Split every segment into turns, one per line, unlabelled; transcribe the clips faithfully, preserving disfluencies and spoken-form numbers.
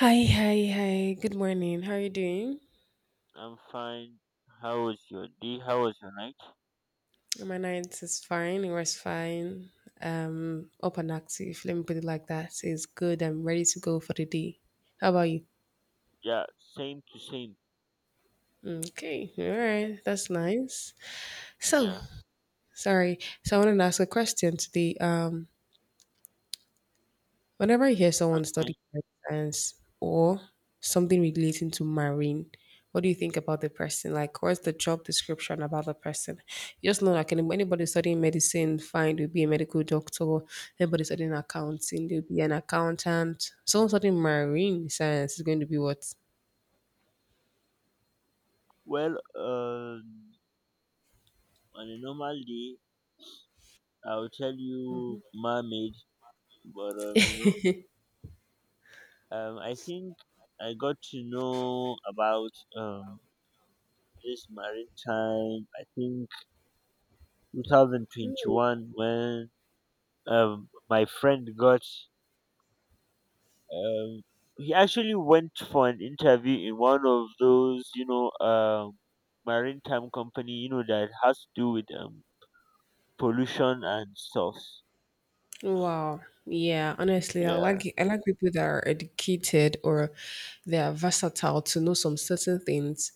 Hi, hi, hi. Good morning. How are you doing?
I'm fine. How was your day? How was your night?
My night is fine. It was fine. Um, up and active. Let me put it like that. So it's good. I'm ready to go for the day. How about you?
Yeah, same to same.
Okay. All right. That's nice. So,
Yeah.
sorry. So I wanted to ask a question today. Um, Whenever I hear someone
Okay.
studying earth science or something relating to marine, what do you think about the person? Like, what's the job description about the person? Just know, like, any- anybody studying medicine, fine, they'll be a medical doctor. Anybody studying accounting, they'll be an accountant. Someone studying marine science is going to be what?
Well, um, on a normal day, I'll tell you mermaid, but um, you know, um, I think I got to know about um this maritime. I think twenty twenty-one when um my friend got Um, he actually went for an interview in one of those, you know, um, maritime company, you know, that has to do with um, pollution and stuff.
Wow. Yeah, honestly, I
Yeah,
like I like people that are educated or they are versatile to know some certain things.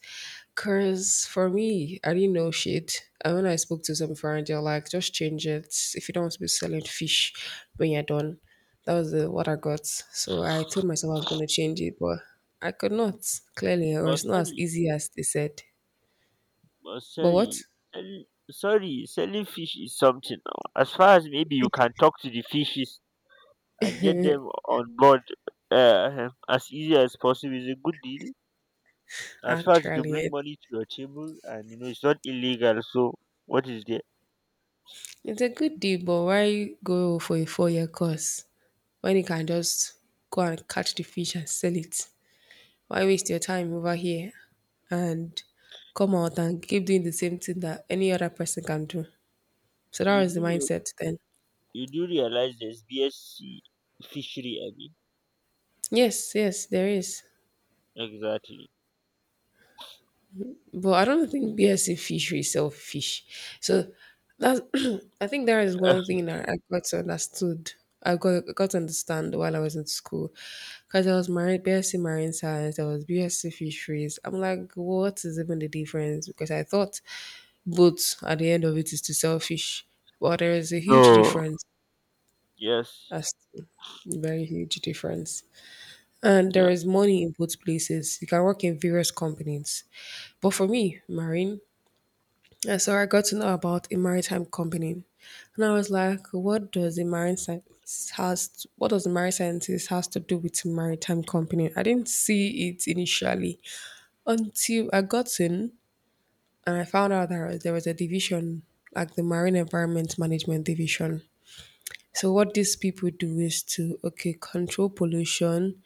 Cause for me, I didn't know shit. And when I spoke to some friend, they're like, just change it. If you don't want to be selling fish when you're done. That was the, what I got. So I told myself I was gonna change it, but I could not, clearly, or
but
it's not as
sorry,
easy as they said.
but
But what?
sorry, sell- sorry, selling fish is something. Now. As far as maybe you can talk to the fishes and get them on board, uh, as easy as possible, is a good deal. As far as to
Actually,
bring
it,
money to your table, and you know it's not illegal. So what is there?
it's a good deal, but why go for a four year course when you can just go and catch the fish and sell it? Why waste your time over here and come out and keep doing the same thing that any other person can do? So that
You
was the
do know
mindset then.
You do realize there's BSc fishery, Abby?
Yes, yes, there is.
Exactly.
But I don't think B S C fishery sell fish. So that's I think there is one thing that I got to understood. I got got to understand while I was in school. Because I was marine BSc marine science, I was BSc fisheries. I'm like, what is even the difference? Because I thought. But at the end of it's too selfish. But there is a huge
No.
difference,
Yes.
as very huge difference. And there
Yeah.
is money in both places. You can work in various companies. But for me, marine, and so I got to know about a maritime company, and I was like, what does a marine science has? What does a marine scientist has to do with a maritime company? I didn't see it initially until I got in and I found out that there was a division like the marine environment management division. So what these people do is to, okay, control pollution,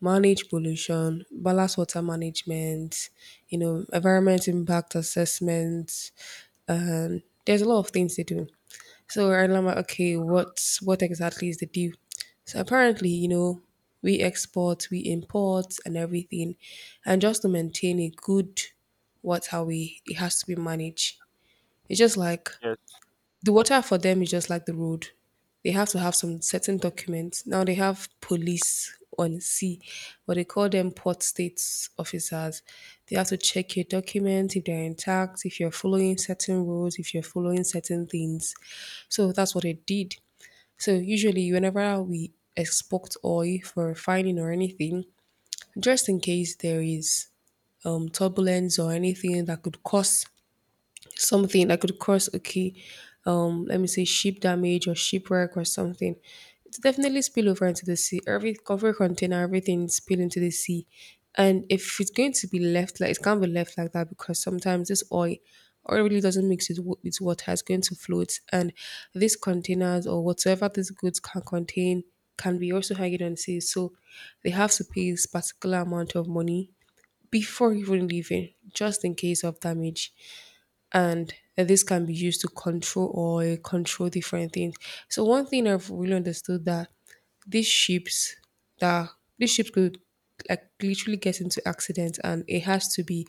manage pollution, balance water management, you know, environment impact assessments. Um, there's a lot of things they do. So I'm like, okay, what what exactly is the deal? So apparently, you know, we export, we import, and everything, and just to maintain a good water we it has to be managed. It's just like
Yes.
the water for them is just like the road. They have to have some certain documents. Now they have police on sea, or they call them port states officers. They have to check your documents, if they're intact, if you're following certain rules, if you're following certain things. So that's what it did. So usually whenever we export oil for refining or anything, just in case there is um, turbulence or anything that could cause something that could cause, okay, um let me say ship damage or shipwreck or something, it's definitely spill over into the sea, every cover container, everything spill into the sea. And if it's going to be left, like, it can't be left like that because sometimes this oil oil really doesn't mix with, wa- with water. It's going to float, and these containers or whatsoever these goods can contain can be also hanging on the sea. So they have to pay this particular amount of money before even leaving, just in case of damage, and uh, this can be used to control or uh, control different things. So one thing I've really understood that these ships that these ships could like literally get into accidents, and it has to be,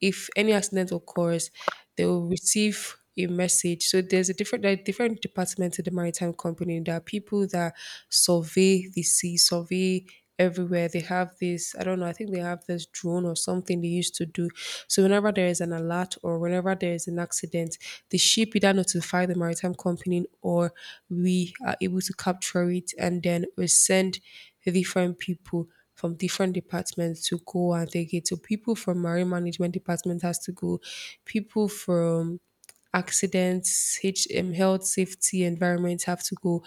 if any accident occurs, they will receive a message. So there's a different there are different departments in the maritime company. There are people that survey the sea, survey everywhere. They have this, I don't know, I think they have this drone or something they used to do. So whenever there is an alert or whenever there is an accident, the ship either notify the maritime company or we are able to capture it, and then we send the different people from different departments to go and take it. So people from marine management department has to go, people from accidents, H M, health, safety, environment have to go.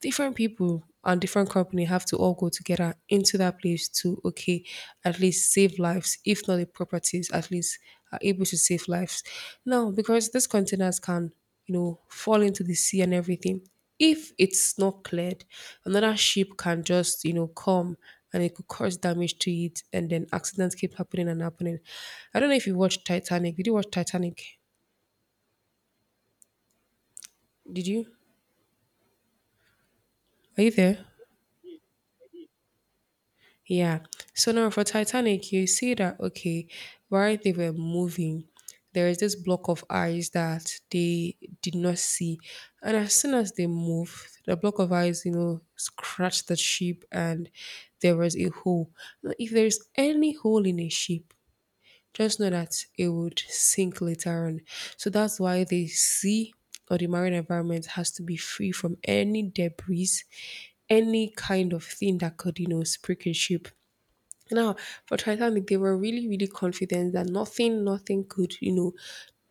Different people and different company have to all go together into that place to, okay, at least save lives, if not the properties, at least are able to save lives. Now, because these containers can, you know, fall into the sea and everything. If it's not cleared, another ship can just, you know, come, and it could cause damage to it, and then accidents keep happening and happening. I don't know if you watched Titanic. Did you watch Titanic? Did you? Are you there?
I did, I did.
Yeah. So now for Titanic, you see that, okay, while they were moving, there is this block of eyes that they did not see, and as soon as they moved, the block of eyes, you know, scratched the ship, and there was a hole. Now, if there is any hole in a ship, just know that it would sink later on. So that's why the sea or the marine environment has to be free from any debris, any kind of thing that could, you know, spreak a ship. Now, for Titanic, they were really, really confident that nothing, nothing could, you know,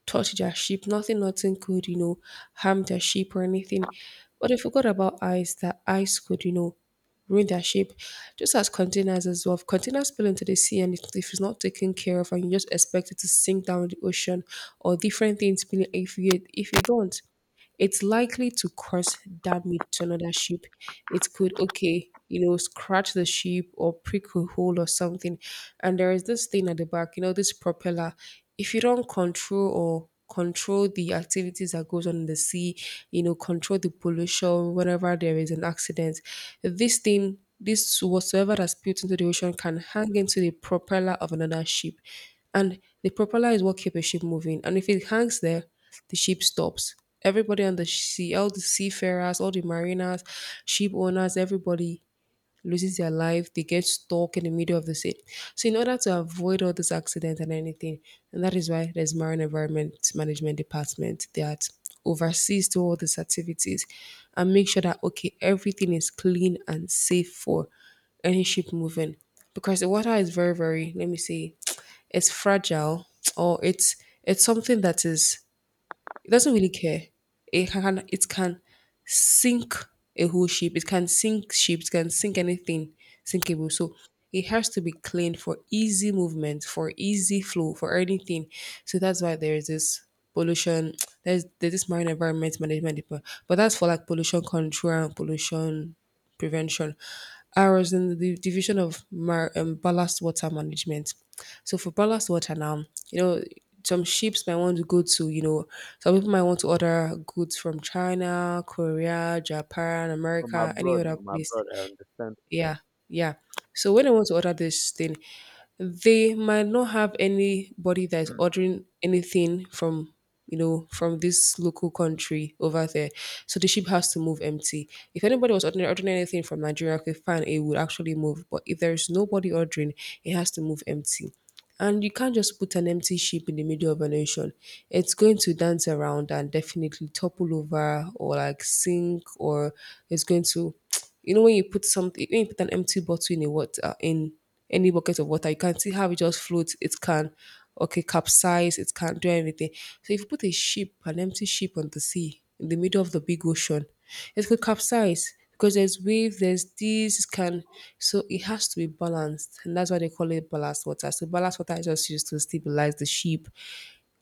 touch their ship. Nothing, nothing could, you know, harm their ship or anything. But they forgot about ice, that ice could, you know, ruin their shape. Just as containers as well. If containers spill into the sea, and it, if it's not taken care of, and you just expect it to sink down in the ocean or different things spilling, if you if you don't, it's likely to cause damage to another ship. It could, okay, you know, scratch the ship or prick a hole or something. And there is this thing at the back, you know, this propeller. If you don't control or control the activities that goes on in the sea, you know, control the pollution whenever there is an accident, this thing, this whatsoever that's built into the ocean can hang into the propeller of another ship. And the propeller is what keeps a ship moving. And if it hangs there, the ship stops, everybody on the sea, all the seafarers, all the mariners, ship owners, everybody loses their life. They get stuck in the middle of the sea. So in order to avoid all this accident and anything, and that is why there's Marine Environment Management Department that oversees to all these activities and make sure that, okay, everything is clean and safe for any ship moving, because the water is very very, let me see, it's fragile, or it's it's something that is, it doesn't really care. It can it can sink a whole ship. It can sink ships. It can sink anything sinkable. So it has to be clean for easy movement, for easy flow, for anything. So that's why there is this pollution. There's, there's this marine environment management department, but that's for like pollution control and pollution prevention. I was in the division of mar- um, ballast water management. So for ballast water now, you know, some ships might want to go to, you know, some people might want to order goods from China, Korea, Japan,
From
America, any
abroad,
other
from
place.
abroad, I understand.
Yeah, yeah. So when I want to order this thing, they might not have anybody that is
Mm.
ordering anything from you know from this local country over there. So the ship has to move empty. If anybody was ordering, ordering anything from Nigeria, okay, fine, it would actually move. But if there is nobody ordering, it has to move empty. And you can't just put an empty ship in the middle of an ocean. It's going to dance around and definitely topple over or like sink, or it's going to you know, when you put something when you put an empty bottle in a water, in any bucket of water, you can see how it just floats. It can, okay, capsize, it can't do anything. So if you put a ship, an empty ship on the sea, in the middle of the big ocean, it could capsize because there's wave, there's this can, so it has to be balanced, and that's why they call it ballast water. So ballast water is just used to stabilize the ship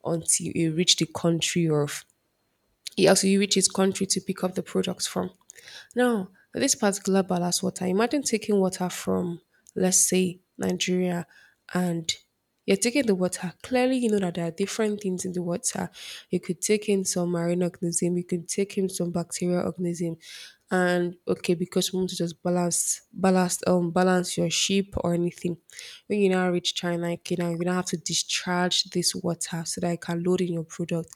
until it reach the country or he also you reach his country to pick up the products from. Now, this particular ballast water, imagine taking water from, let's say, Nigeria, and you're taking the water. Clearly, you know that there are different things in the water. You could take in some marine organism, you could take in some bacterial organism, and okay, because we want to just balance, balance, um, balance your sheep or anything. When you now reach China, okay, now you're gonna have to discharge this water so that it can load in your product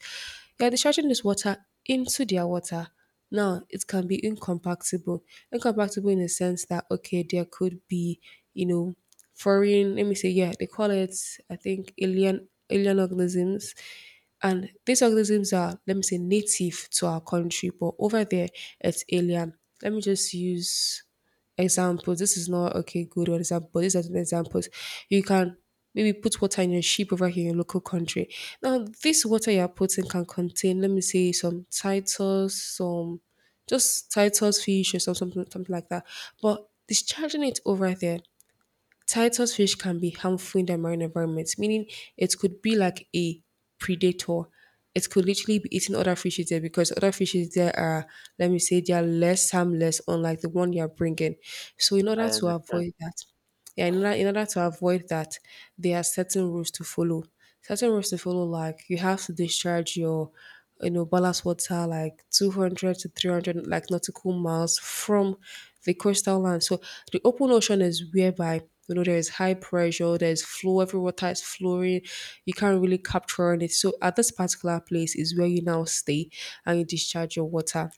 you're discharging this water into their water. Now, it can be incompatible. Incompatible in the sense that, okay, there could be, you know, foreign, let me say, yeah, they call it, I think, alien alien organisms. And these organisms are, let me say, native to our country, but over there it's alien. Let me just use examples. This is not okay, good or example. These are the examples. You can maybe put water in your sheep over here in your local country. Now, this water you're putting can contain, let me say, some titles, some just titles fish or some- something something like that. But discharging it over there Titus fish can be harmful in the marine environment, meaning it could be like a predator. It could literally be eating other fishes there because other fishes there are, let me say, they are less harmless, unlike the one you are bringing. So, in
I
order to
understand.
avoid that, yeah, in order, in order to avoid that, there are certain rules to follow certain rules to follow like you have to discharge your you know ballast water like two hundred to three hundred, like, nautical miles from the coastal land. So the open ocean is whereby you know there is high pressure, there's flow, every water is flowing. You can't really capture on it. So at this particular place is where you now stay and you discharge your water,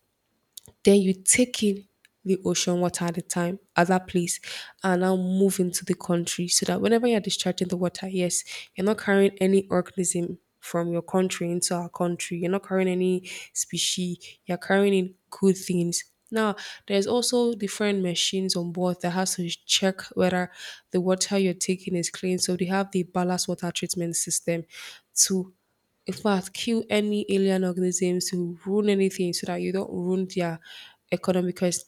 then you take in the ocean water at a time at that place and now move into the country, so that whenever you're discharging the water, yes, you're not carrying any organism from your country into our country. You're not carrying any species. You're carrying in good things. Now, there's also different machines on board that has to check whether the water you're taking is clean. So they have the ballast water treatment system to, in fact, kill any alien organisms who ruin anything so that you don't ruin their economy, because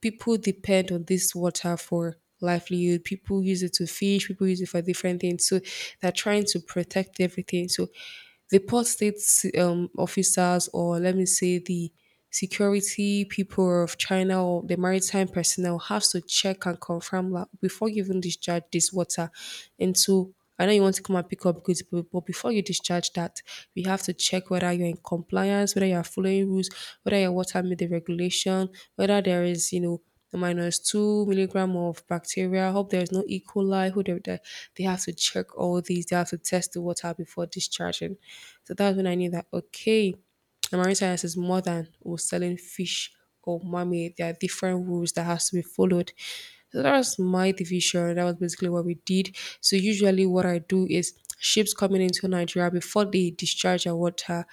people depend on this water for livelihood. People use it to fish, people use it for different things. So they're trying to protect everything. So the Port State um, officers, or let me say the security people of China or the maritime personnel, have to check and confirm, like, before giving discharge this water into, I know you want to come and pick up goods, but but before you discharge that, we have to check whether you're in compliance, whether you're following rules, whether your water meet the regulation, whether there is, you know, minus two milligram of bacteria. Hope there's no E. coli. Who they, they they have to check all these. They have to test the water before discharging. So that's when I knew that, okay, and marine science is more than or selling fish or mermaid. There are different rules that has to be followed. So that was my division. That was basically what we did. So usually what I do is ships coming into Nigeria before they discharge our water.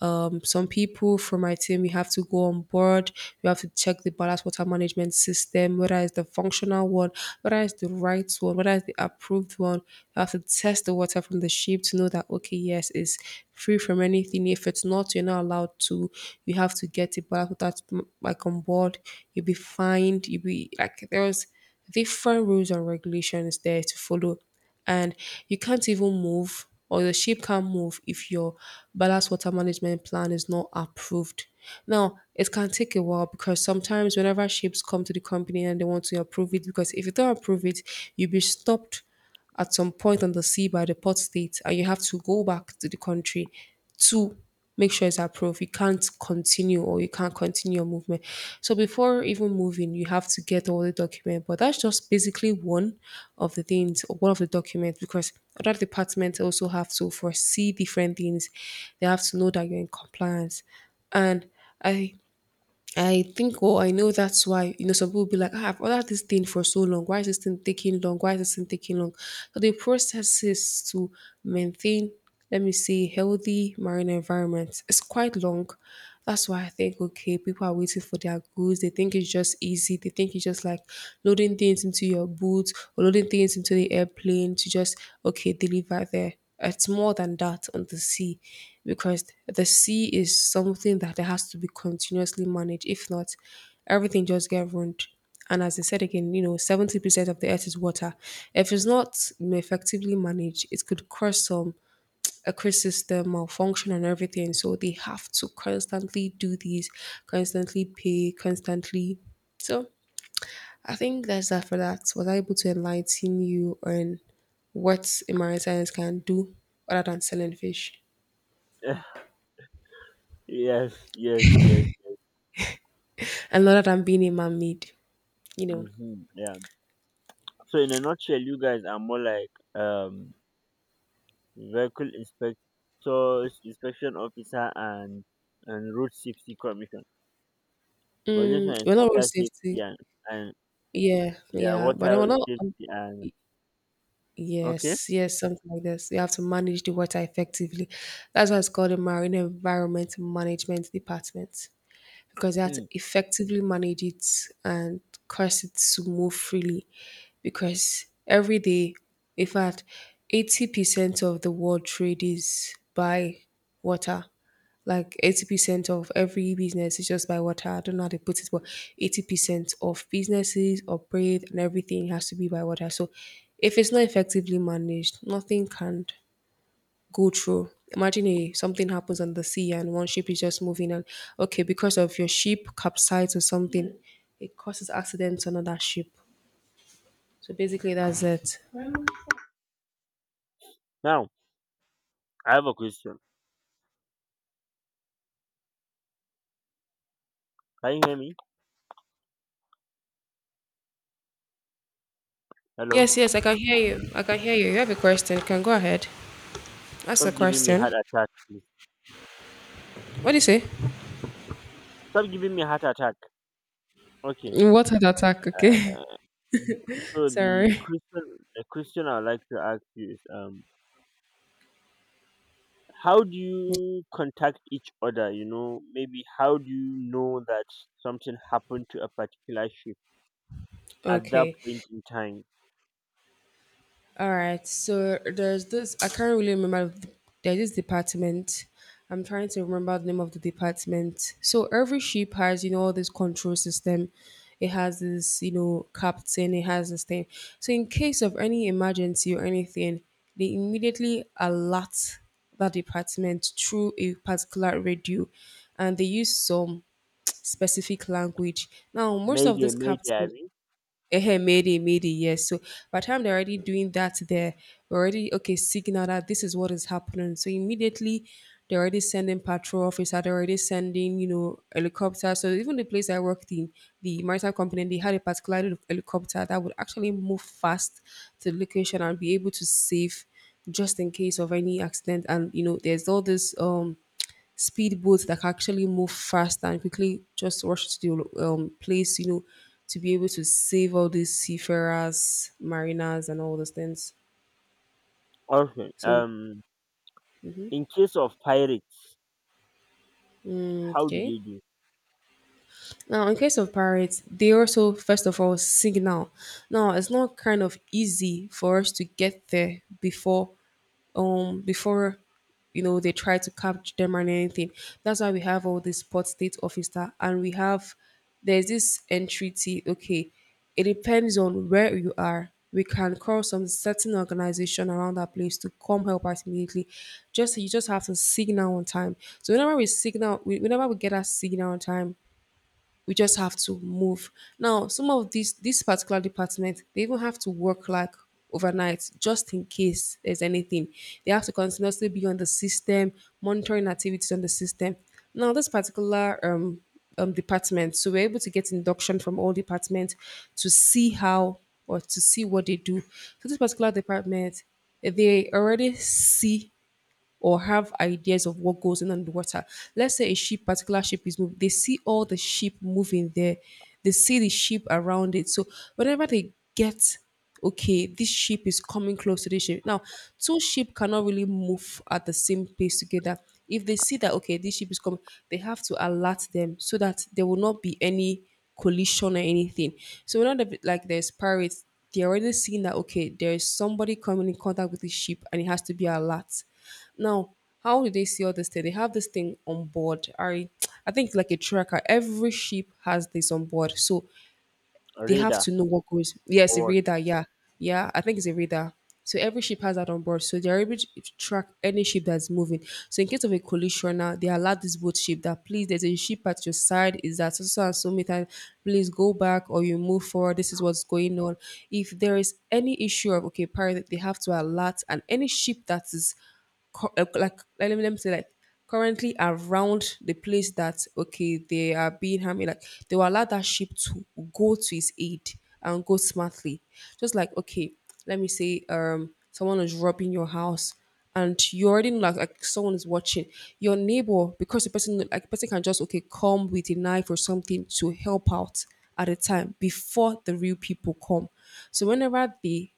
Um, some people from my team, you have to go on board. You have to check the ballast water management system, whether it's the functional one, whether it's the right one, whether it's the approved one. You have to test the water character from the shape to know that, okay, yes, it's free from anything. If it's not, you're not allowed to. You have to get it back without mm, like on board. You'll be fined. You'll be like there's different rules and regulations there to follow, and you can't even move, or the ship can't move if your ballast water management plan is not approved. Now, it can take a while because sometimes whenever ships come to the company and they want to approve it, because if you don't approve it, you'll be stopped at some point on the sea by the port state and you have to go back to the country to make sure it's approved. You can't continue or you can't continue your movement. So before even moving, you have to get all the document. But that's just basically one of the things or one of the documents because other departments also have to foresee different things. They have to know that you're in compliance. And I I think, oh, I know that's why, you know, some people be like, ah, I've ordered this thing for so long. Why is this thing taking long? Why is this thing taking long? So the process is to maintain, let me say, healthy marine environment. It's quite long. That's why I think, okay, people are waiting for their goods. They think it's just easy. They think it's just like loading things into your boots or loading things into the airplane to just, okay, deliver there. It's more than that on the sea because the sea is something that has to be continuously managed. If not, everything just get ruined. And as I said again, you know, seventy percent of the earth is water. If it's not you know, effectively managed, it could cause some a crisis system malfunction and everything. So they have to constantly do these, constantly pay, constantly. So I think that's that for that. Was I able to enlighten you on what a marine science can do other than selling fish
Yes, yes, yes.
and other than being a man made? You know,
Hmm. Yeah. So in a nutshell, you guys are more like um vehicle inspectors, inspection officer, and and road safety commission. But this
mm,
one is
we're not road
water safety
safety.
and and
Yeah,
yeah,
yeah, but we're
water
not. um,
safety and, okay.
Yes, yes, something like this. You have to manage the water effectively. That's why it's called the Marine Environment Management Department, because they had to
Mm.
effectively manage it and cause it to move freely. Because every day, in fact, eighty percent of the world trade is by water. Like eighty percent of every business is just by water. I don't know how they put it, but eighty percent of businesses operate and everything has to be by water. So if it's not effectively managed, nothing can go through. Imagine a something happens on the sea and one ship is just moving and, okay, because of your ship capsize or something, it causes accidents on another ship. So basically that's it.
Now I have a question. Can you hear me? Hello?
Yes, yes, I can hear you. I can hear you. You have a question. You can go ahead. Ask the
Stop giving me
question.
heart attack, please.
What do you say?
Stop giving me heart attack. Okay.
What had attack, okay.
Uh, so the
Sorry.
question the question I'd like to ask you is, um how do you contact each other, you know? Maybe how do you know that something happened to a particular ship at that
Okay.
point in time?
All right, so there's this. I can't really remember. the- There's this department. I'm trying to remember the name of the department. So every ship has, you know, all this control system. It has this, you know, captain. It has this thing. So in case of any emergency or anything, they immediately alert that department through a particular radio, and they use some specific language. Now, most of
Mayday,
this
mayday, I
captain,
mean.
eh, Mayday, Mayday, yes. So by the time they're already
Mm.
doing that, there we are already, okay, signal that this is what is happening. So immediately they're already sending patrol officer, they're already sending, you know, helicopter. So even the place I worked in, the maritime company, they had a particular heli- helicopter that would actually move fast to the location and be able to save just in case of any accident. And you know, there's all this um speedboats that can actually move fast and quickly just rush to the um, place, you know, to be able to save all these seafarers, mariners, and all those things.
Okay.
So,
Um in case of pirates,
mm,
how do
okay.
they do?
Now, in case of pirates, they also, first of all, signal. Now, it's not kind of easy for us to get there before, um, before, you know, they try to capture them and anything. That's why we have all these port state officer, and we have there's this entreaty. Okay, it depends on where you are. We can call some certain organization around that place to come help us immediately. Just you just have to signal on time. So whenever we signal, we, whenever we get a signal on time, we just have to move. Now, some of these this particular department, they even have to work like overnight just in case there's anything. They have to continuously be on the system, monitoring activities on the system. Now, this particular um, um, department, so we're able to get induction from all departments to see how or to see what they do. So this particular department, they already see or have ideas of what goes in underwater. Let's say a ship, particular ship is moving, they see all the ship moving there, they see the ship around it. So whenever they get, okay, this ship is coming close to this ship. Now, two ship cannot really move at the same pace together. If they see that, okay, this ship is coming, they have to alert them so that there will not be any collision or anything. So we're not a bit like there's pirates, they're already seeing that, okay, there is somebody coming in contact with this ship and it has to be alert. Now, how do they see all this thing? They have this thing on board. I I think it's like a tracker. Every ship has this on board. So they have
Radar
to know what goes. Yes, a
or
radar. Yeah, yeah. I think it's a radar. So every ship has that on board, so they're able to track any ship that's moving. So in case of a collision, now they alert this boat ship that please, there's a ship at your side. Is that so so and so meter? Please go back or you move forward. This is what's going on. If there is any issue of okay pirate, they have to alert, and any ship that is co- uh, like let me, let me say like currently around the place that okay they are being harmed, like they will allow that sheep to go to his aid and go smartly, just like okay let me say um someone is robbing your house and you already know, like, like someone is watching your neighbor because the person, like person can just okay come with a knife or something to help out at a time before the real people come. So whenever they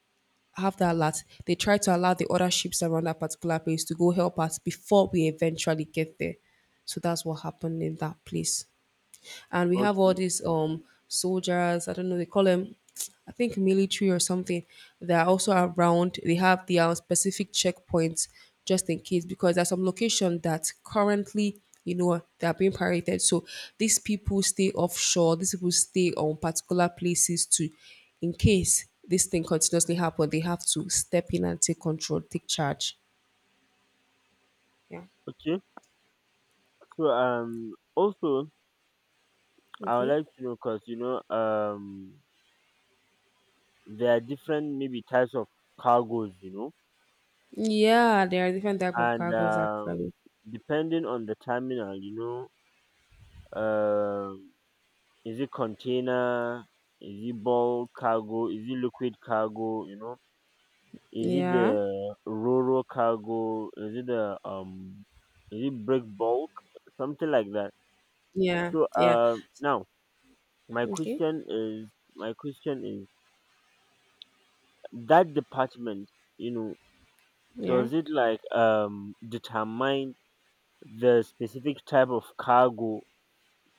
have that lat, they try to allow the other ships around that particular place to go help us before we eventually get there. So that's what happened in that place, and we
what?
have all
Okay.
these um soldiers, I don't know they call them. I think military or something, they're also around. They have their own specific checkpoints, just in case, because there's some location that currently, you know, they are being pirated. So these people stay offshore, these people stay on particular places to, in case this thing continuously happen, they have to step in and take control, take charge. Yeah.
Okay. So, um also, I would
Okay.
like to know because, you know um there are different maybe types of cargoes, you know,
Yeah, there are different type of
and,
cargoes
um
actually.
depending on the terminal, you know, um is it container, is it bulk cargo, is it liquid cargo, you know, is it the
Yeah.
rural cargo, is it the um is it brick bulk, something like that.
Yeah,
So,
yeah.
um now, my
Okay.
question is my question is that department, you know,
Yeah.
does it like, um determine the specific type of cargo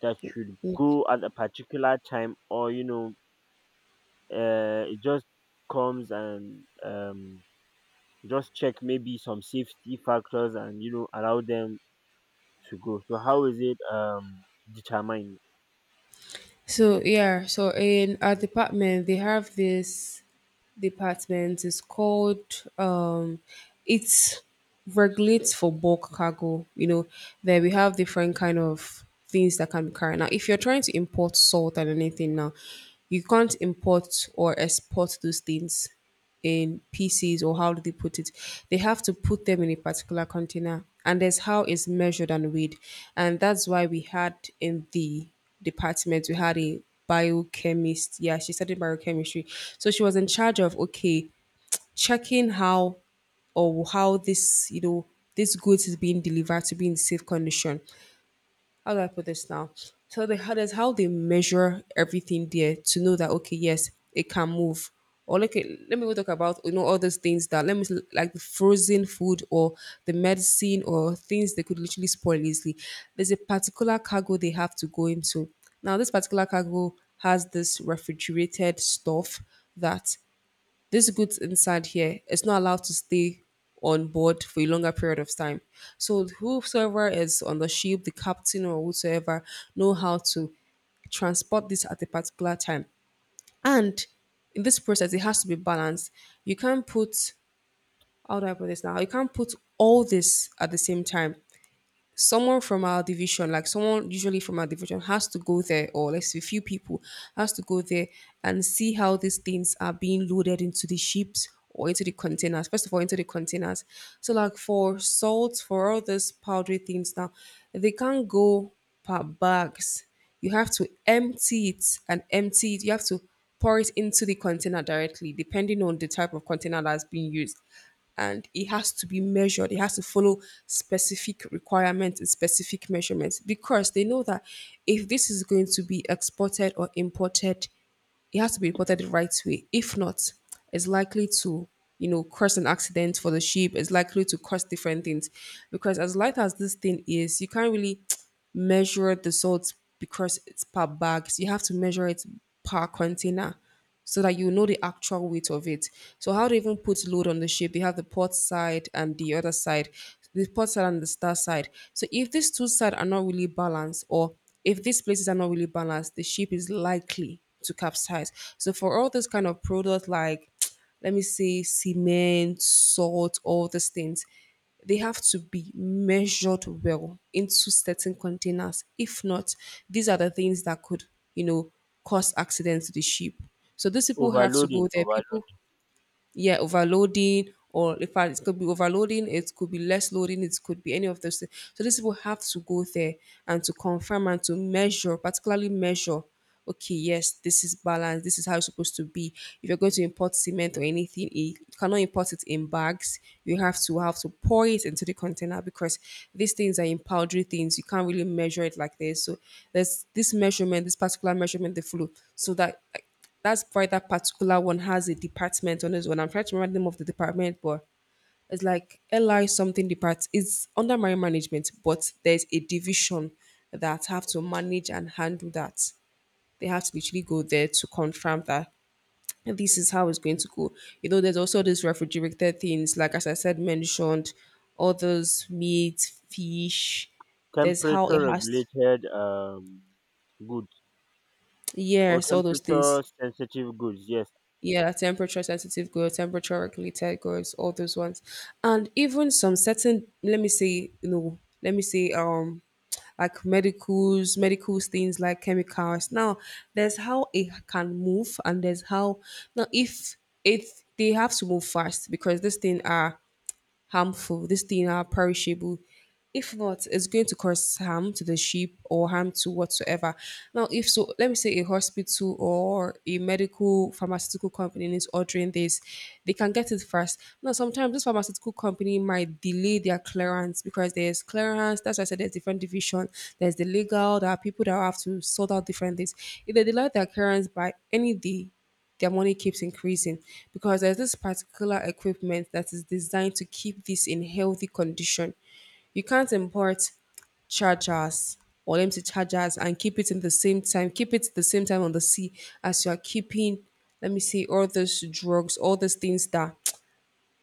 that should
Mm.
go at a particular time, or you know uh, it just comes and, um just check maybe some safety factors and, you know allow them to go? So how is it um determined?
So yeah, so in our department they have this department. It's called um it's regulates for bulk cargo. You know, there we have different kind of things that can be carried. Now if you're trying to import salt and anything now, you can't import or export those things in pieces or how do they put it, they have to put them in a particular container, and there's how it's measured and weighed. And that's why we had in the department we had a biochemist. Yeah, she studied biochemistry, so she was in charge of okay checking how, or how this, you know, this goods is being delivered to be in safe condition. How do I put this now? So they, how does, how they measure everything there to know that okay, yes, it can move. Or look at, let me go talk about, you know, all those things that, let me, like the frozen food or the medicine, or things they could literally spoil easily. There's a particular cargo they have to go into. Now this particular cargo has this refrigerated stuff that, this goods inside here is not allowed to stay on board for a longer period of time. So whosoever is on the ship, the captain or whosoever, know how to transport this at a particular time. And in this process, it has to be balanced. You can't put, how do I put this now? You can't put all this at the same time. Someone from our division, like someone usually from our division, has to go there, or let's say few people has to go there and see how these things are being loaded into the ships or into the containers. First of all, into the containers. So like for salt, for all these powdery things now, they can't go per bags. You have to empty it and empty it. You have to pour it into the container directly, depending on the type of container that's being used. And it has to be measured. It has to follow specific requirements and specific measurements, because they know that if this is going to be exported or imported, it has to be reported the right way. If not, it's likely to, you know, cause an accident for the sheep. It's likely to cause different things. Because as light as this thing is, you can't really measure the salt because it's per bag. So you have to measure it per container, so that you know the actual weight of it. So how they even put load on the ship, they have the port side and the other side, the port side and the star side. So if these two sides are not really balanced, or if these places are not really balanced, the ship is likely to capsize. So for all those kind of products, like let me say cement, salt, all these things, they have to be measured well into certain containers. If not, these are the things that could, you know, cause accidents to the sheep. So these people have to go
overloading
there.
overload
People, yeah, overloading, or in fact, it could be overloading, it could be less loading, it could be any of those things. So these people have to go there and to confirm and to measure, particularly measure. Okay, yes, this is balanced. This is how it's supposed to be. If you're going to import cement or anything, you cannot import it in bags. You have to have to pour it into the container because these things are in powdery things. You can't really measure it like this. So there's this measurement, this particular measurement they follow, so that, that's why that particular one has a department on its own. I'm trying to remember the name of the department, but it's like L I something depart. It's under marine management, but there's a division that have to manage and handle that. They have to literally go there to confirm that this is how it's going to go. You know, there's also these refrigerated things, like as I said mentioned, others meat, fish. There's how
temperature
it has.
regulated, um goods, or
Yes, all those things.
temperature sensitive goods, yes.
Yeah, temperature sensitive girls, temperature regulated girls, all those ones. And even some certain, let me say, you know, let me say um like medicals, medicals things like chemicals. Now there's how it can move and there's how, now if if they have to move fast because this thing are harmful. These things are perishable. If not, it's going to cause harm to the sheep or harm to whatsoever. Now, if so, let me say a hospital or a medical pharmaceutical company is ordering this, they can get it first. Now, sometimes this pharmaceutical company might delay their clearance because there's clearance. That's why I said there's different division. There's the legal. There are people that have to sort out different things. If they delay their clearance by any day, their money keeps increasing because there's this particular equipment that is designed to keep this in healthy condition. You can't import chargers or empty chargers and keep it in the same time, keep it the same time on the sea as you are keeping, let me see, all those drugs, all those things that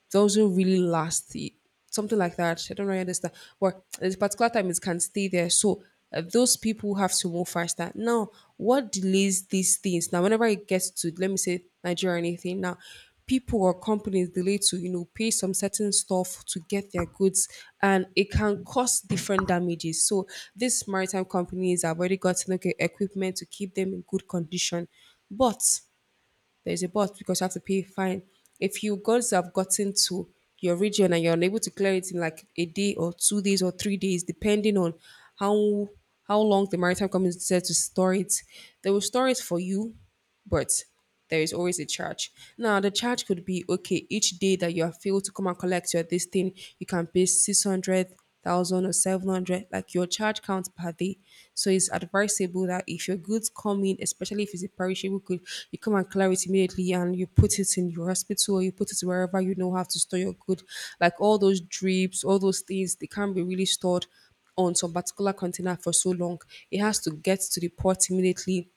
doesn't really last. i- Something like that. I don't really understand. But there's a particular time it can stay there. So uh, those people have to move faster. Now, what delays these things? Now, whenever it gets to, let me say, Nigeria or anything, now people or companies delay to, you know, pay some certain stuff to get their goods, and it can cause different damages. So these maritime companies have already gotten okay, equipment to keep them in good condition. But there's a but, because you have to pay fine. If you guys have gotten to your region and you're unable to clear it in like a day or two days or three days, depending on how how long the maritime community said to store it, they will store it for you, but there is always a charge. Now the charge could be okay, each day that you have failed to come and collect your this thing, you can pay six hundred thousand or seven hundred, like your charge counts per day. So it's advisable that if your goods come in, especially if it's a perishable good, you come and clear it immediately and you put it in your hospital or you put it wherever you know how to store your good. Like all those drips, all those things, they can't be really stored on some particular container for so long. It has to get to the port immediately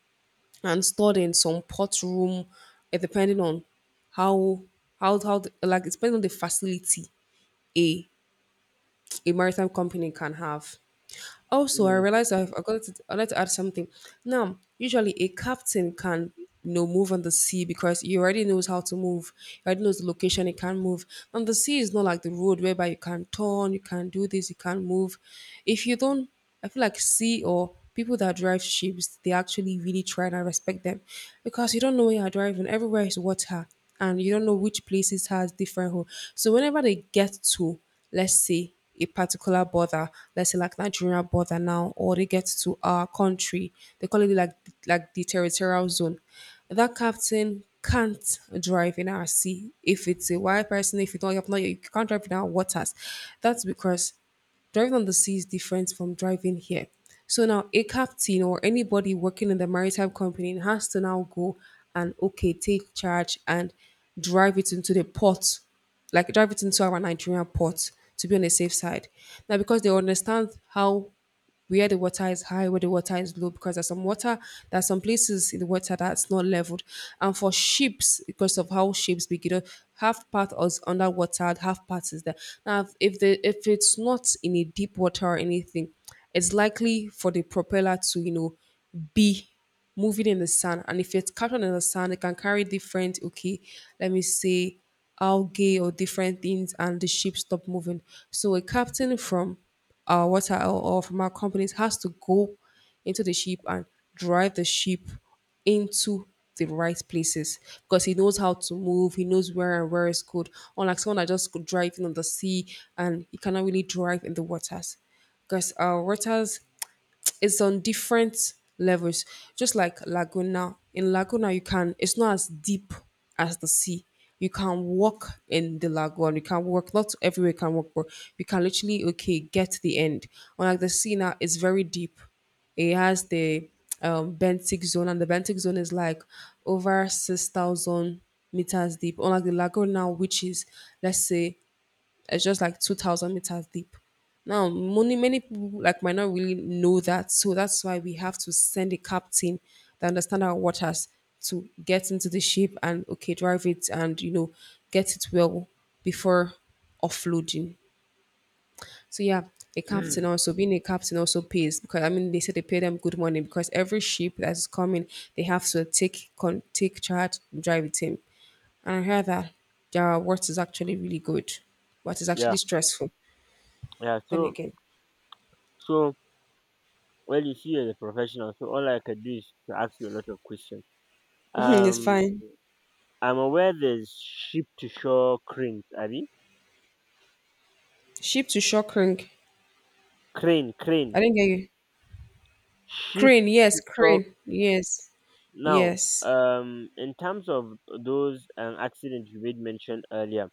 and stored in some port room, eh, depending on how how how the, like it's depending on the facility. A a maritime company can have. Also, I
Mm.
realized I forgot to, I'd like to add something. Now, usually a captain can you know move on the sea because he already knows how to move. He already knows the location he can move. And the sea is not like the road whereby you can turn, you can do this, you can move. If you don't, I feel like sea or people that drive ships, they actually really try and I respect them because you don't know where you're driving. Everywhere is water, and you don't know which places has different hole. So whenever they get to, let's say a particular border, let's say like Nigeria border now, or they get to our country, they call it like like the territorial zone. That captain can't drive in our sea if it's a white person, if you don't, you have not, you can't drive in our waters. That's because driving on the sea is different from driving here. So now a captain or anybody working in the maritime company has to now go and, okay, take charge and drive it into the port, like drive it into our Nigerian port to be on the safe side. Now because they understand how where the water is high, where the water is low, because there's some water, there's some places in the water that's not leveled. And for ships, because of how ships begin, half part is underwater, half part is there. Now, if the if it's not in a deep water or anything, it's likely for the propeller to you know be moving in the sand. And if it's captured in the sand, it can carry different, okay, let me say algae or different things, and the ship stop moving. So a captain from our water or or from our companies has to go into the ship and drive the ship into the right places because he knows how to move, he knows where and where is good. Unlike someone that just could drive in on the sea and he cannot really drive in the waters because our waters it's on different levels. Just like Laguna. In Laguna you can, it's not as deep as the sea. You can walk in the lagoon. You can walk. Not everywhere you can walk, but you can literally, okay, get to the end. Unlike the sea now, it's very deep. It has the um, benthic zone, and the benthic zone is like over six thousand meters deep. Unlike the lagoon now, which is let's say it's just like two thousand meters deep. Now, many, many people like might not really know that. So that's why we have to send a captain that understand our waters to get into the ship and, okay, drive it and, you know, get it well before offloading. So yeah, a captain also being a captain also pays because I mean they said they pay them good money because every ship that is coming they have to take con- take charge and drive it in. And I heard that their work is actually really good, but it's actually
Yeah,
stressful.
yeah,
Then
so,
again,
so well, you see, as a professional, so all I can do is to ask you a lot of questions.
it's
Um,
fine.
I'm aware there's ship to shore cranes, Abby.
Ship to Shockring.
Crane, crane,
I didn't get you.
ship
Crane, yes,
to shore.
crane, yes,
Now,
yes.
um, in terms of those, um, accidents you made mention earlier,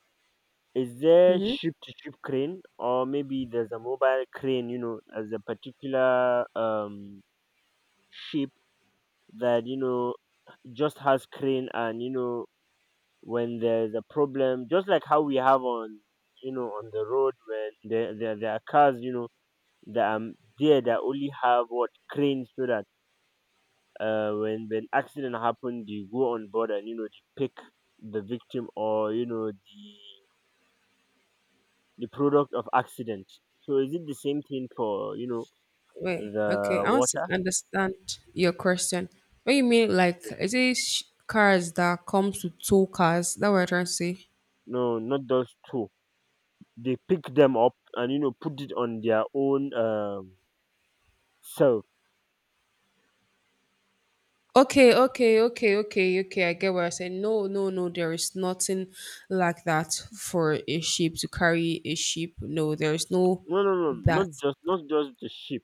is there ship to ship crane, or maybe there's a mobile crane, you know, as a particular um ship, that you know just has crane, and you know when there's a problem, just like how we have on, you know, on the road, when there, there, there are cars, you know, that are there, that only have what cranes, so that, uh, when when accident happen, they go on board, and you know they pick the victim, or you know the the product of accident. So is it the same thing for, you know
Wait, okay.
the
I want to
water?
understand your question. What you mean? Like, is it sh- cars that comes with two cars? That what I'm trying to say.
No, not those two. They pick them up and, you know put it on their own um self.
Okay, okay, okay, okay, okay. I get what I said. No, no, no. There is nothing like that for a ship to carry a ship. No, there is no
No, no, no, not
that.
just not just the ship.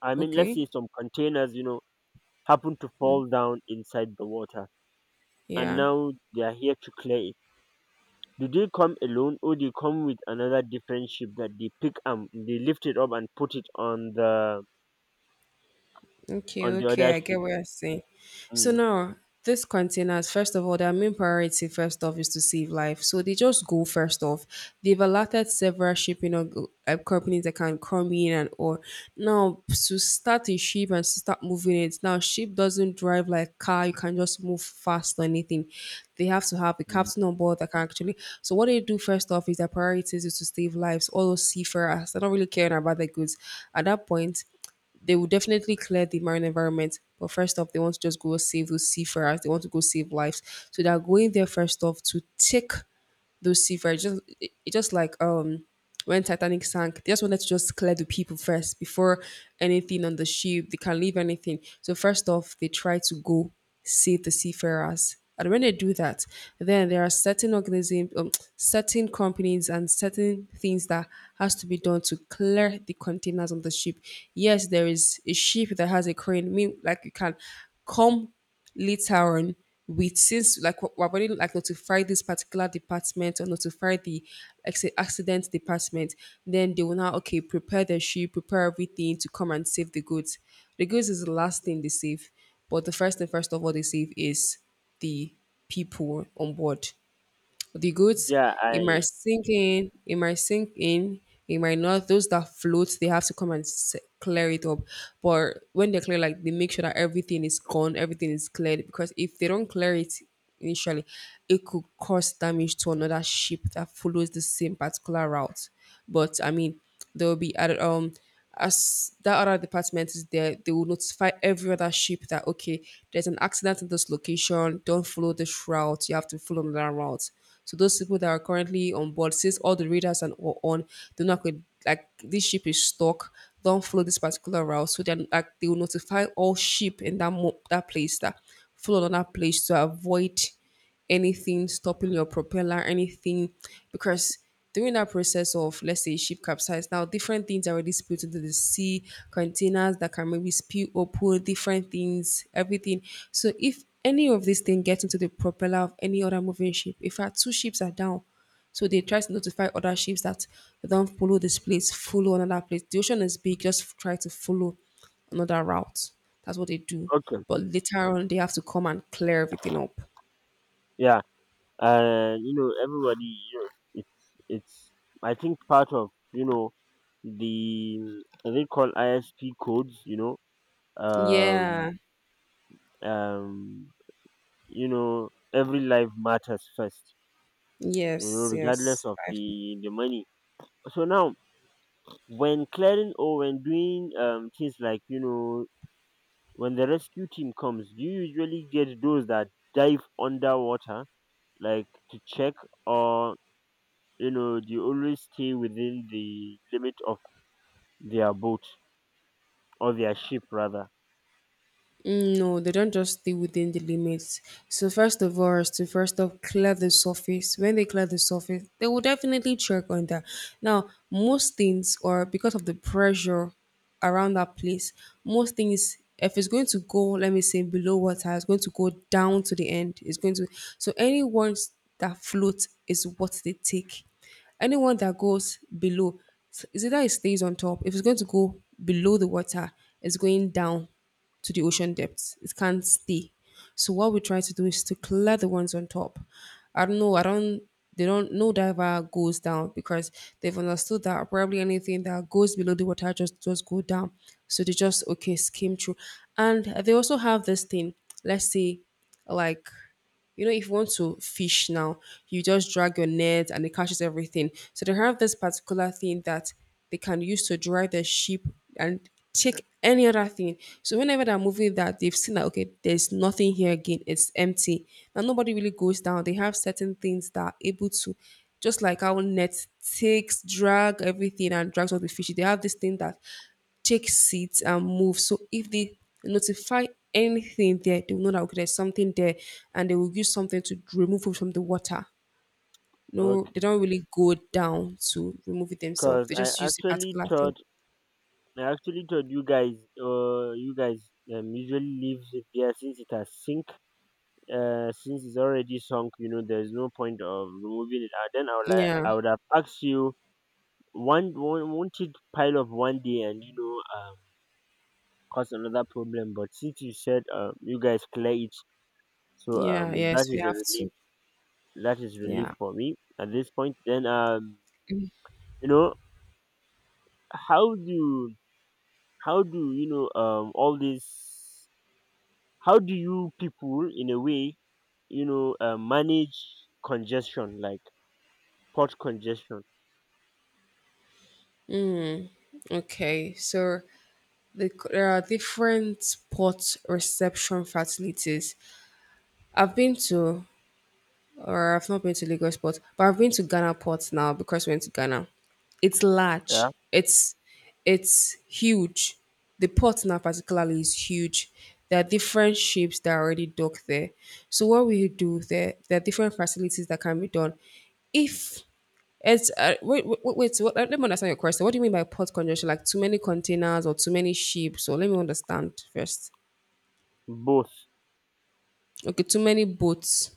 I mean, let's
Okay.
say some containers, you know, happen to
Mm,
fall down inside the water, and
yeah.
now they are here to clear it. Do they come alone, or they come with another different ship that they pick and they lift it up and put it on the
Okay,
on the
okay,
other
I
ship?
get what you're saying. So
Mm,
now, these containers, first of all, their main priority, first off, is to save life. So they just go first off. They've allotted several shipping or, uh, companies that can come in and or now to start a ship and start moving it. Now, ship doesn't drive like car; you can just move fast or anything. They have to have a
mm.
captain on board that can actually. So what they do first off is their priorities is to save lives. All those seafarers, they don't really care about their goods at that point they will definitely clear the marine environment. But first off, they want to just go save those seafarers. They want to go save lives. So they're going there first off to take those seafarers just it, it just like um when Titanic sank, they just wanted to just clear the people first before anything on the ship. They can leave anything. So first off, they try to go save the seafarers. And when they do that, then there are certain organisms, um, certain companies, and certain things that has to be done to clear the containers on the ship. Yes, there is a ship that has a crane. Mean, like you can come later on with since like we- we've already like notified this particular department or notify the like say accident department, then they will now, okay, prepare the ship, prepare everything to come and save the goods. The goods is the last thing they save, but the first thing first of all they save is the people on board. The goat,
Yeah,
it might
I
sink in, it might sink in, it might not. Those that float, they have to come and s- clear it up. But when they clear, like they make sure that everything is gone, everything is cleared. Because if they don't clear it initially, it could cause damage to another ship that follows the same particular route. But I mean, there will be other um as that other department is there, they will notify every other ship that, okay, there's an accident in this location. Don't follow this route. You have to follow another route. So those people that are currently on board, since all the radars and all on, they're not going like this ship is stuck. Don't follow this particular route. So then like they will notify all ship in that mo- that place that follow another place to avoid anything stopping your propeller, anything, because during that process of let's say ship capsize, now different things are already spilled into the sea, containers that can maybe spill open, different things, everything. So if any of these things get into the propeller of any other moving ship, if our two ships are down, so they try to notify other ships that don't follow this place, follow another place. The ocean is big, just try to follow another route. That's what they do.
okay.
But later on, they have to come and clear everything up.
Yeah, uh, you know, everybody, you know, it's it's. I think part of, you know the they call I S P codes, you know,
Yeah.
um, um, you know every life matters first, you know
Yes.
regardless
Yes.
of
Life.
the the money. So now, when clearing or when doing, um things, like, you know when the rescue team comes, do you usually get those that dive underwater, like, to check, or you know do you always stay within the limit of their boat, or their ship rather?
Mm, no, they don't just stay within the limits. So first of all, is to first of clear the surface. When they clear the surface, they will definitely check on that. Now, most things, or because of the pressure around that place, most things, if it's going to go, let me say below water, it's going to go down to the end. It's going to so anyone that floats is what they take. Anyone that goes below, is either it stays on top. If it's going to go below the water, it's going down to the ocean depths. It can't stay. So what we try to do is to clear the ones on top. I don't know. I don't. They don't. No diver goes down because they've understood that probably anything that goes below the water just just go down. So they just, okay, skim through, and they also have this thing. Let's say, like, you know, if you want to fish now, you just drag your net and it catches everything. So they have this particular thing that they can use to dry the sheep and take any other thing. So whenever they're moving that, they've seen that, okay, there's nothing here again. It's empty. Now nobody really goes down. They have certain things that are able to just like our net takes, drag everything and drags out the fish. They have this thing that take seats and move. So if they notify anything there, they will know that, okay, there's something there, and they will use something to remove it from the water. No, they
Okay,
don't really go down to remove it themselves.
because
They
i
just use a
actually
particular thing.
thought i actually thought you guys uh you guys um, usually leaves it there, since it has sink uh, since it's already sunk, you know, there's no point of removing it. Uh, then I would like,
Yeah,
I would have asked you, one, one wanted pile of one day, and, you know, um, cause another problem. But since you said, um, you guys clear it, so,
yeah,
um, that
yes, we
is a
have
relief.
to.
That is relief
Yeah.
for me at this point. Then, um, you know, how do how do you know um all this? How do you people, in a way, you know uh, manage congestion, like port congestion?
Okay, so the, there are different port reception facilities. I've been to or I've not been to Lagos port, but I've been to Ghana port now because we went to Ghana. It's
Yeah.
large. It's it's huge. The port now particularly is huge. There are different ships that are already docked there. So what we do there, there are different facilities that can be done. If it's uh, wait, wait, wait. What, let me understand your question. What do you mean by port congestion? Like too many containers or too many ships? Or let me understand first.
Both.
Okay, too many boats.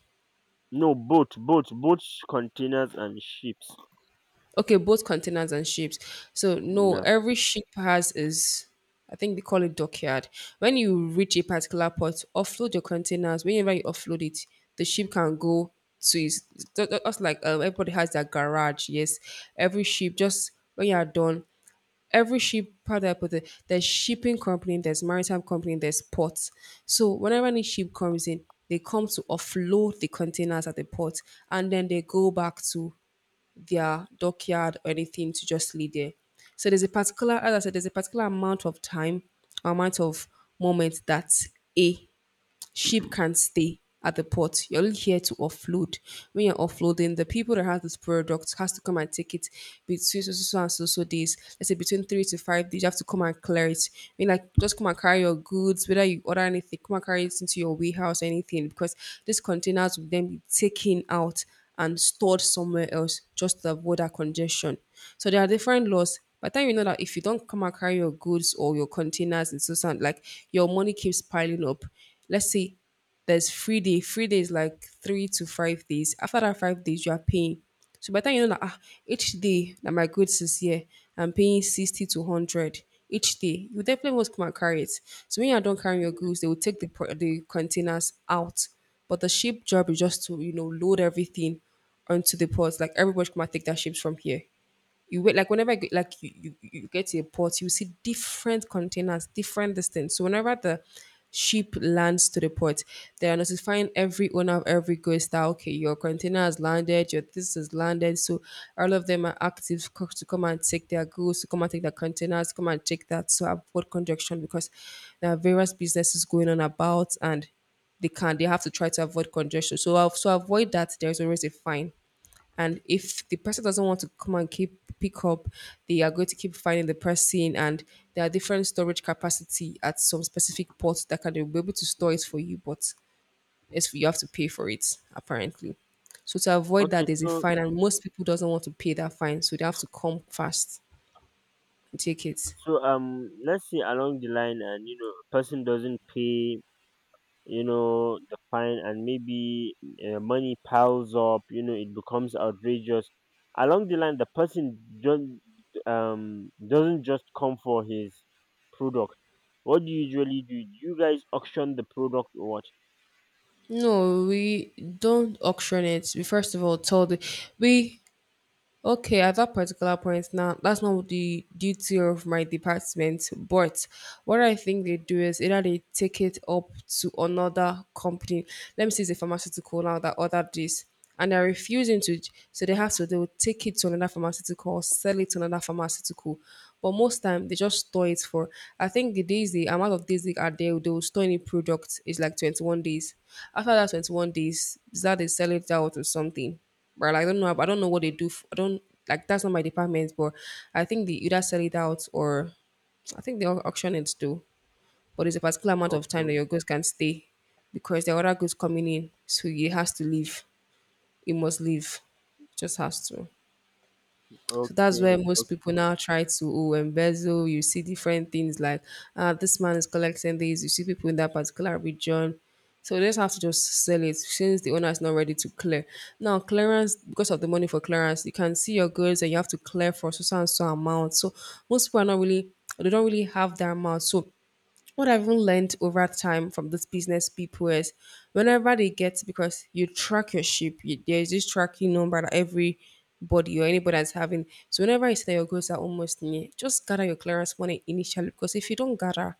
No, both, both, both containers and ships.
Okay, both containers and ships. So no,
Yeah.
every ship has is I think they call it dockyard. When you reach a particular port, offload your containers. Whenever you offload it, the ship can go to its ju- ju- just like um, everybody has their garage. Yes, every ship just when you are done, every ship how do I put it? There's shipping company, there's maritime company, there's ports. So whenever any ship comes in, they come to offload the containers at the port, and then they go back to their dockyard or anything to just lay there. So there's a particular, as I said, there's a particular amount of time, amount of moment that a ship can stay at the port. You're only here to offload. When you're offloading, the people that have this product has to come and take it between so so so so, and so so days. Let's say between three to five days, you have to come and clear it. I mean, like just come and carry your goods, whether you order anything, come and carry it into your warehouse, or anything, because these containers will then be taken out and stored somewhere else just to avoid that congestion. So there are different laws. By the time you know that if you don't come and carry your goods or your containers and so on, like your money keeps piling up. Let's say there's free day. Free day is like three to five days. After that five days, you are paying. So by the time you know that ah, each day that my goods is here, I'm paying sixty to one hundred each day, you definitely want to come and carry it. So when you're done carrying your
Mm.
goods, they will take the, pro- the containers out. But the ship job is just to, you know, load everything onto the ports. Like everybody come and take their ships from here. You wait like whenever I get, like you, you you get to a port, you see different containers, different distance. So whenever the ship lands to the port, they are notifying every owner of every goods that okay, your container has landed, your this has landed. So all of them are active co- to come and take their goods, to come and take their containers, come and take that. So avoid congestion because there are various businesses going on about and they can they have to try to avoid congestion. So uh, so avoid that. There is always a fine, and if the person doesn't want to come and keep pick up, they are going to keep finding the person, and there are different storage capacity at some specific ports that can be able to store it for you, but it's you have to pay for it apparently. So to avoid that,
Okay,
there's a
so,
fine, and most people doesn't want to pay that fine, so they have to come fast and take it.
so um let's say along the line, and, you know person doesn't pay, you know the fine, and maybe, uh, money piles up, you know it becomes outrageous. Along the line, the person don't um doesn't just come for his product. What do you usually do? Do you guys auction the product, or what?
No, we don't auction it. We first of all told the, we okay, at that particular point now, that's not the duty of my department. But what I think they do is either they take it up to another company. Let me see, it's a pharmaceutical now that ordered this, and they're refusing to. So they have to. They will take it to another pharmaceutical, or sell it to another pharmaceutical. But most time they just store it for. I think the days the amount of days they are there, they will store any product is like twenty one days. After that twenty one days, is that they sell it out or something. But I don't know. I don't know what they do. F I don't like that's not my department. But I think they either sell it out or I think they au- auction it too. But it's a particular amount of time
Okay,
that your goods can stay because there are other goods coming in, so it has to leave. It must leave. It just has to. So that's where
okay,
most people
okay,
now try to oh, embezzle. You see different things like ah, this man is collecting these. You see people in that particular region. So they just have to just sell it since the owner is not ready to clear. Now clearance because of the money for clearance, you can see your goods and you have to clear for so so and so amount. So most people are not really they don't really have that amount. So what I've even learned over time from these business people is whenever they get because you track your ship, you, there's this tracking number that everybody or anybody that's having. So whenever you say that your goals are almost near, just gather your clearance money initially because if you don't gather,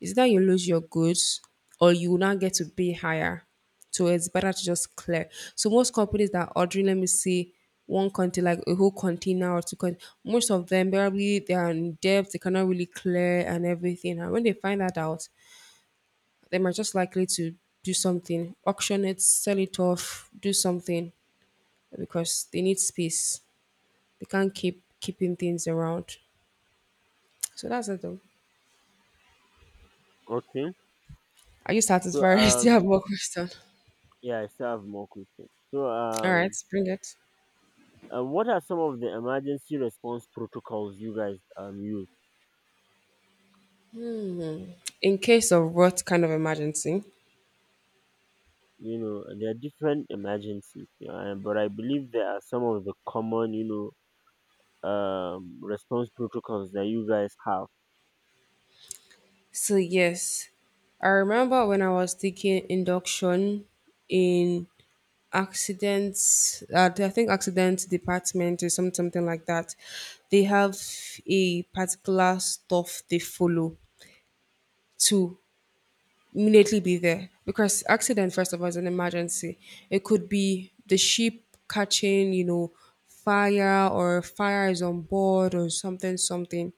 it's that you lose your goods or you will not get to pay higher. So it's better to just clear. So most companies that are ordering, let me see, one container, like a whole container or two containers, most of them probably they are in debt, they cannot really clear and everything. And when they find that out, they might just likely to do something, auction it, sell it off, do something because they need space. They can't keep keeping things around. So that's it though.
okay.
Are you
So,
satisfied? Do you
um
have more question?
yeah, I still have more questions. So,
All right,
um,
bring it.
um, what are some of the emergency response protocols you guys um use?
In case of what kind of emergency?
You know, there are different emergencies, you know, and- but I believe there are some of the common, you know, um, response protocols that you guys have.
So yes, I remember when I was taking induction in accidents. Uh, I think accidents department or some something like that. They have a particular stuff they follow to immediately be there because accident first of all is an emergency. It could be the ship catching, you know, fire or fire is on board or something something.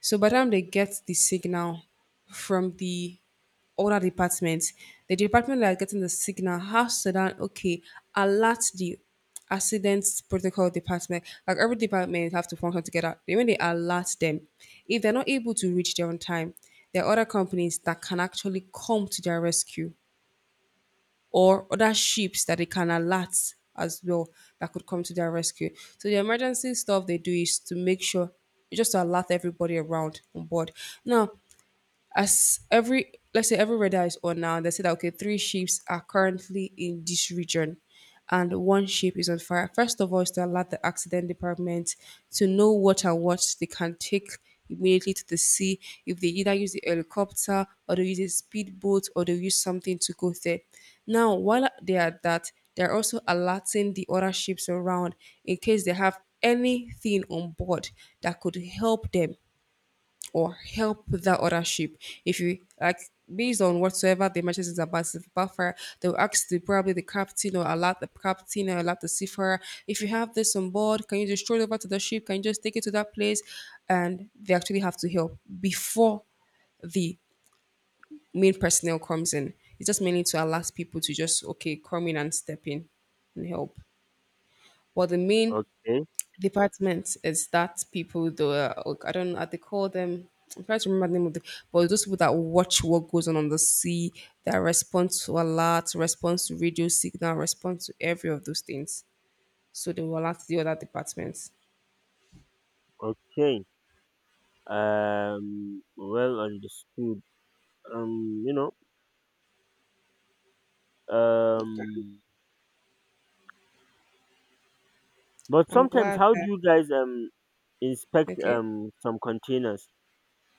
So by the time they get the signal from the other department, the department that are getting the signal has to then okay alert the accident protocol department. Like every department have to function together. Then when they alert them, if they're not able to reach there on time, there are other companies that can actually come to their rescue or other ships that they can alert as well that could come to their rescue. So the emergency stuff they do is to make sure just to alert everybody around on board. Now, as every let's say every radar is on now, they say that okay, three ships are currently in this region and one ship is on fire. First of all is to alert the accident department to know what and what they can take immediately to the sea if they either use the helicopter or they use a speedboat or they use something to go there. Now while they are at that, they're also alerting the other ships around in case they have anything on board that could help them or help with that authorship. If you like based on whatsoever the matches is about, if it's about fire, they'll ask the probably the captain or alert the captain or alert the seafarer. If you have this on board, can you just throw it over to the ship? Can you just take it to that place? And they actually have to help before the main personnel comes in. It's just mainly to allow people to just okay come in and step in and help. But the main
Okay,
department is that people though uh, like, I don't know how they call them. I'm trying to remember the name of the but those people that watch what goes on on the sea, that respond to alerts, respond to radio signal, respond to every of those things. So they will alert the other departments.
okay. Um, well understood. Um, you know, um, but
I'm
sometimes,
glad
how do
that
you guys um inspect
okay.
um some containers?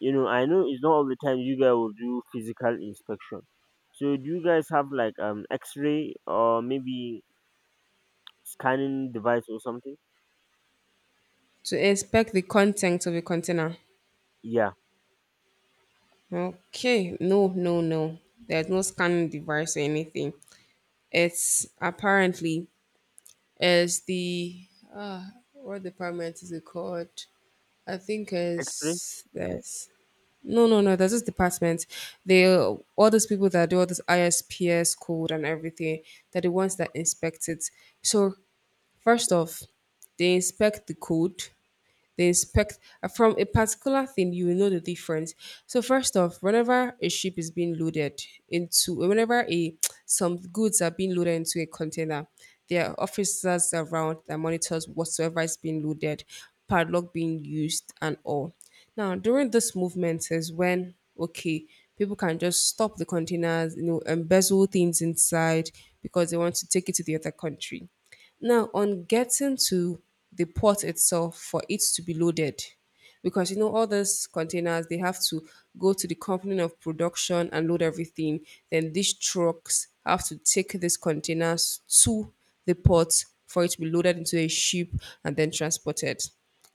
You know, I know it's not all the time you guys will do physical inspection. So do you guys have like um x-ray, or maybe scanning device or something?
To inspect the content of a container.
Yeah,
Okay, no, no, no. There's no scanning device or anything. It's apparently is the what department is it called? I think
x-ray.
it's there's no no no there's this department. They all those people that do all this I S P S code and everything, they're the ones that inspect it. So first off, they inspect the code they inspect from a particular thing you will know the difference. So first off whenever a ship is being loaded into whenever a some goods are being loaded into a container, there are officers around that monitors whatsoever is being loaded, padlock being used and all. Now during this movement is when okay people can just stop the containers, you know, embezzle things inside because they want to take it to the other country. Now, on getting to the port itself for it to be loaded, because you know all those containers they have to go to the company of production and load everything. Then these trucks have to take these containers to the port for it to be loaded into a ship and then transported.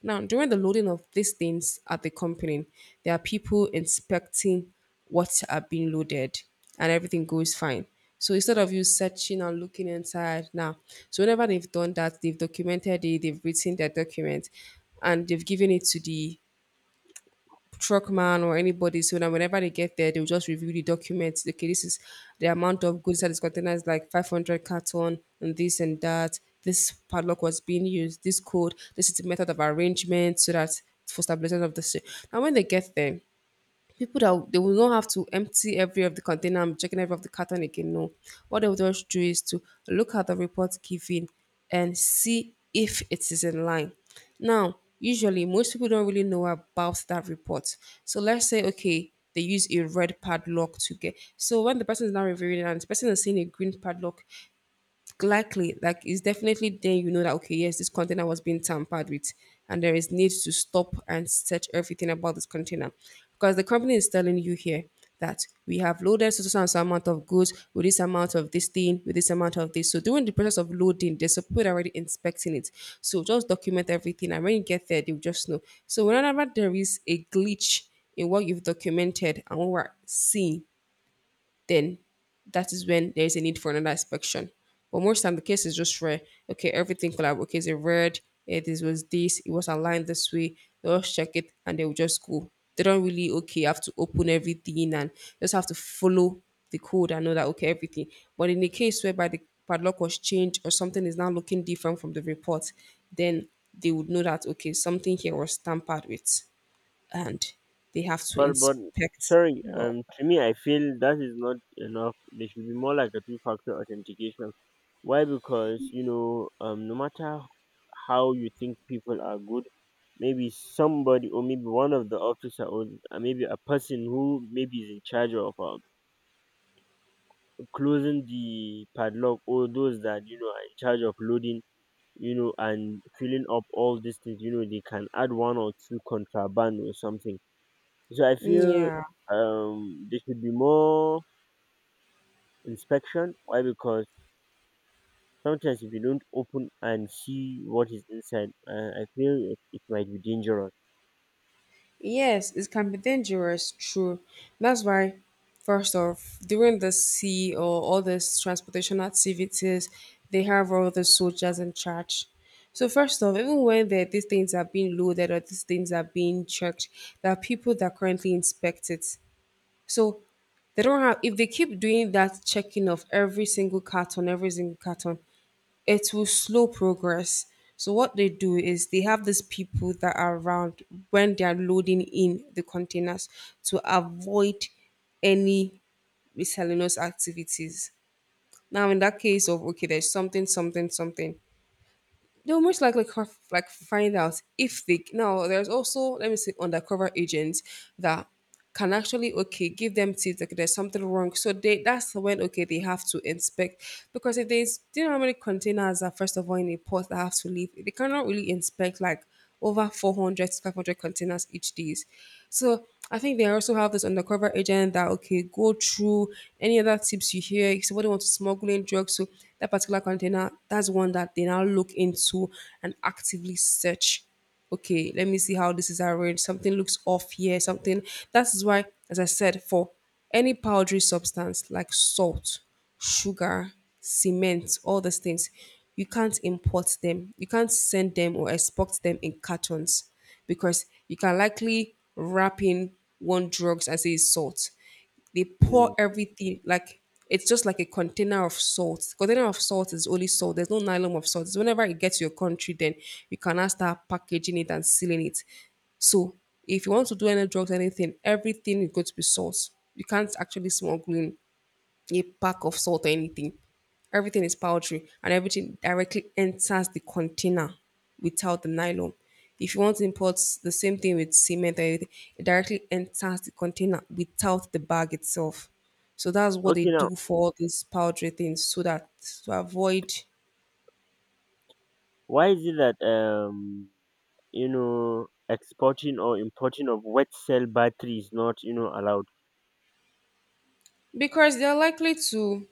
Now, during the loading of these things at the company, there are people inspecting what are being loaded and everything goes fine. So instead of you searching and looking inside now, so whenever they've done that, they've documented it, they've written their document and they've given it to the truckman or anybody. So now whenever they get there, they'll just review the documents. Okay, this is the amount of goods that is container is like five hundred carton and this and that. This padlock was being used. This code. This is the method of arrangement so that for stabilization of the ship. Now when they get there, people that they will not have to empty every of the container and checking every of the carton again. No, what they will just do is to look at the report given and see if it is in line. Now, usually most people don't really know about that report. So let's say okay, they use a red padlock to get. So when the person is now reviewing it and the person is seeing a green padlock, likely like it's definitely then you know that okay yes this container was being tampered with and there is need to stop and search everything about this container because the company is telling you here that we have loaded so so so amount of goods with this amount of this thing with this amount of this so during the process of loading there's a people already inspecting it so just document everything and when you get there they'll just know so whenever there is a glitch in what you've documented and what we're seeing then that is when there is a need for another inspection. But most time the case is just rare. Okay, everything collab. Okay, it's a red. eh, this was this. It was aligned this way. They'll just check it and they'll just go. They don't really okay have to open everything and just have to follow the code and know that okay everything. But in the case whereby the padlock was changed or something is now looking different from the report, then they would know that okay something here was tampered with and they have to
But but
inspect.
sorry,
Well,
um to me, I feel that is not enough. There should be more, like a two-factor authentication. Why? Because, you know um no matter how you think people are good, maybe somebody, or maybe one of the officer, or uh, maybe a person who maybe is in charge of, um closing the padlock, or those that you know are in charge of loading, you know and filling up all these things, you know they can add one or two contraband or something. So I feel,
yeah.
um there should be more inspection. Why? Because sometimes, if you don't open and see what is inside, uh, I feel it, it might be dangerous.
Yes, it can be dangerous, true. That's why, first off, during the sea or all these transportation activities, they have all the soldiers in charge. So first off, even when the, these things are being loaded or these things are being checked, there are people that currently inspect it. So they don't have if they keep doing that checking of every single carton, every single carton, it will slow progress. So what they do is they have these people that are around when they are loading in the containers to avoid any miscellaneous activities. Now in that case of okay, there's something, something, something, they'll most likely co- like find out if they now there's also let me say undercover agents that can actually okay give them tips like there's something wrong so they that's when okay they have to inspect because if they do you know how many containers are first of all in a port that have to leave they cannot really inspect like over four hundred to five hundred containers each days. So I think they also have this undercover agent that, okay, go through any other tips you hear. If somebody wants to smuggle in drugs, so that particular container, that's one that they now look into and actively search. Okay, let me see how this is arranged. Something looks off here, something. That is why, as I said, for any powdery substance like salt, sugar, cement, all those things, you can't import them. You can't send them or export them in cartons because you can likely wrap in one drugs as a salt they pour
Mm.
everything like it's just like a container of salt. Container of salt is only salt. There's no nylon of salt. So whenever it gets to your country, then you can now start packaging it and sealing it. So if you want to do any drugs, anything, everything is going to be salt. You can't actually smuggle in a pack of salt or anything. Everything is powdery and everything directly enters the container without the nylon. If you want to import the same thing with cement or anything, it directly enters the container without the bag itself. So that's what they
Okay, now,
do for all these powdery things so that to avoid
why is it that, um you know exporting or importing of wet cell battery is not, you know allowed?
because they're likely to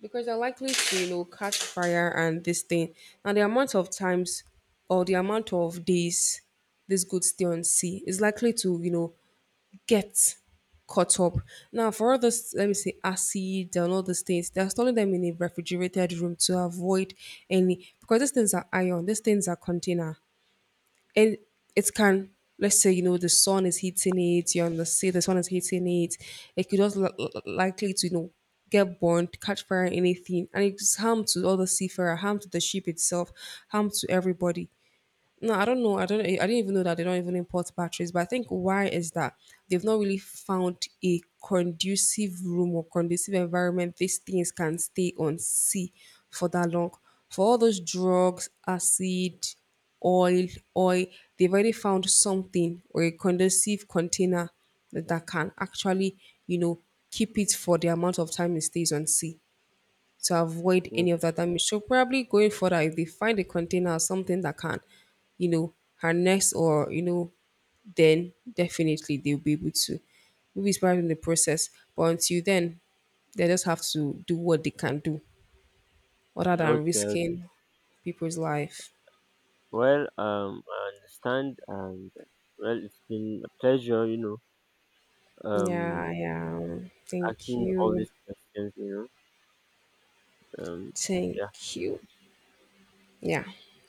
because they're likely to you know catch fire and this thing and the amount of times or the amount of days this could stay on sea is likely to you know get caught up now for all this let me say acid and all these things they're storing them in a refrigerated room to avoid any because these things are iron these things are container and it can let's say you know the sun is hitting it you're on the sea the sun is hitting it it could just li- li- likely to you know get burned catch fire anything and it's harm to all the seafarer harm to the ship itself harm to everybody no, I don't know. I don't. I didn't even know that they don't even import batteries. But I think why is that they've not really found a conducive room or conducive environment these things can stay on sea for that long. For all those drugs, acid, oil, oil, they've already found something or a conducive container that that can actually, you know, keep it for the amount of time it stays on sea to avoid
Mm,
any of that damage. So probably going further, if they find a container or something that can, you know, harness or you know, then definitely they'll be able to. Maybe it's probably in the process, but until then, they just have to do what they can do, other than
okay.
risking people's life.
Well, um, I understand, and uh, well, it's been a pleasure, you know, um,
Yeah, yeah. Thank
asking all
you.
these questions, you know, um, yeah.
Thank you. Yeah.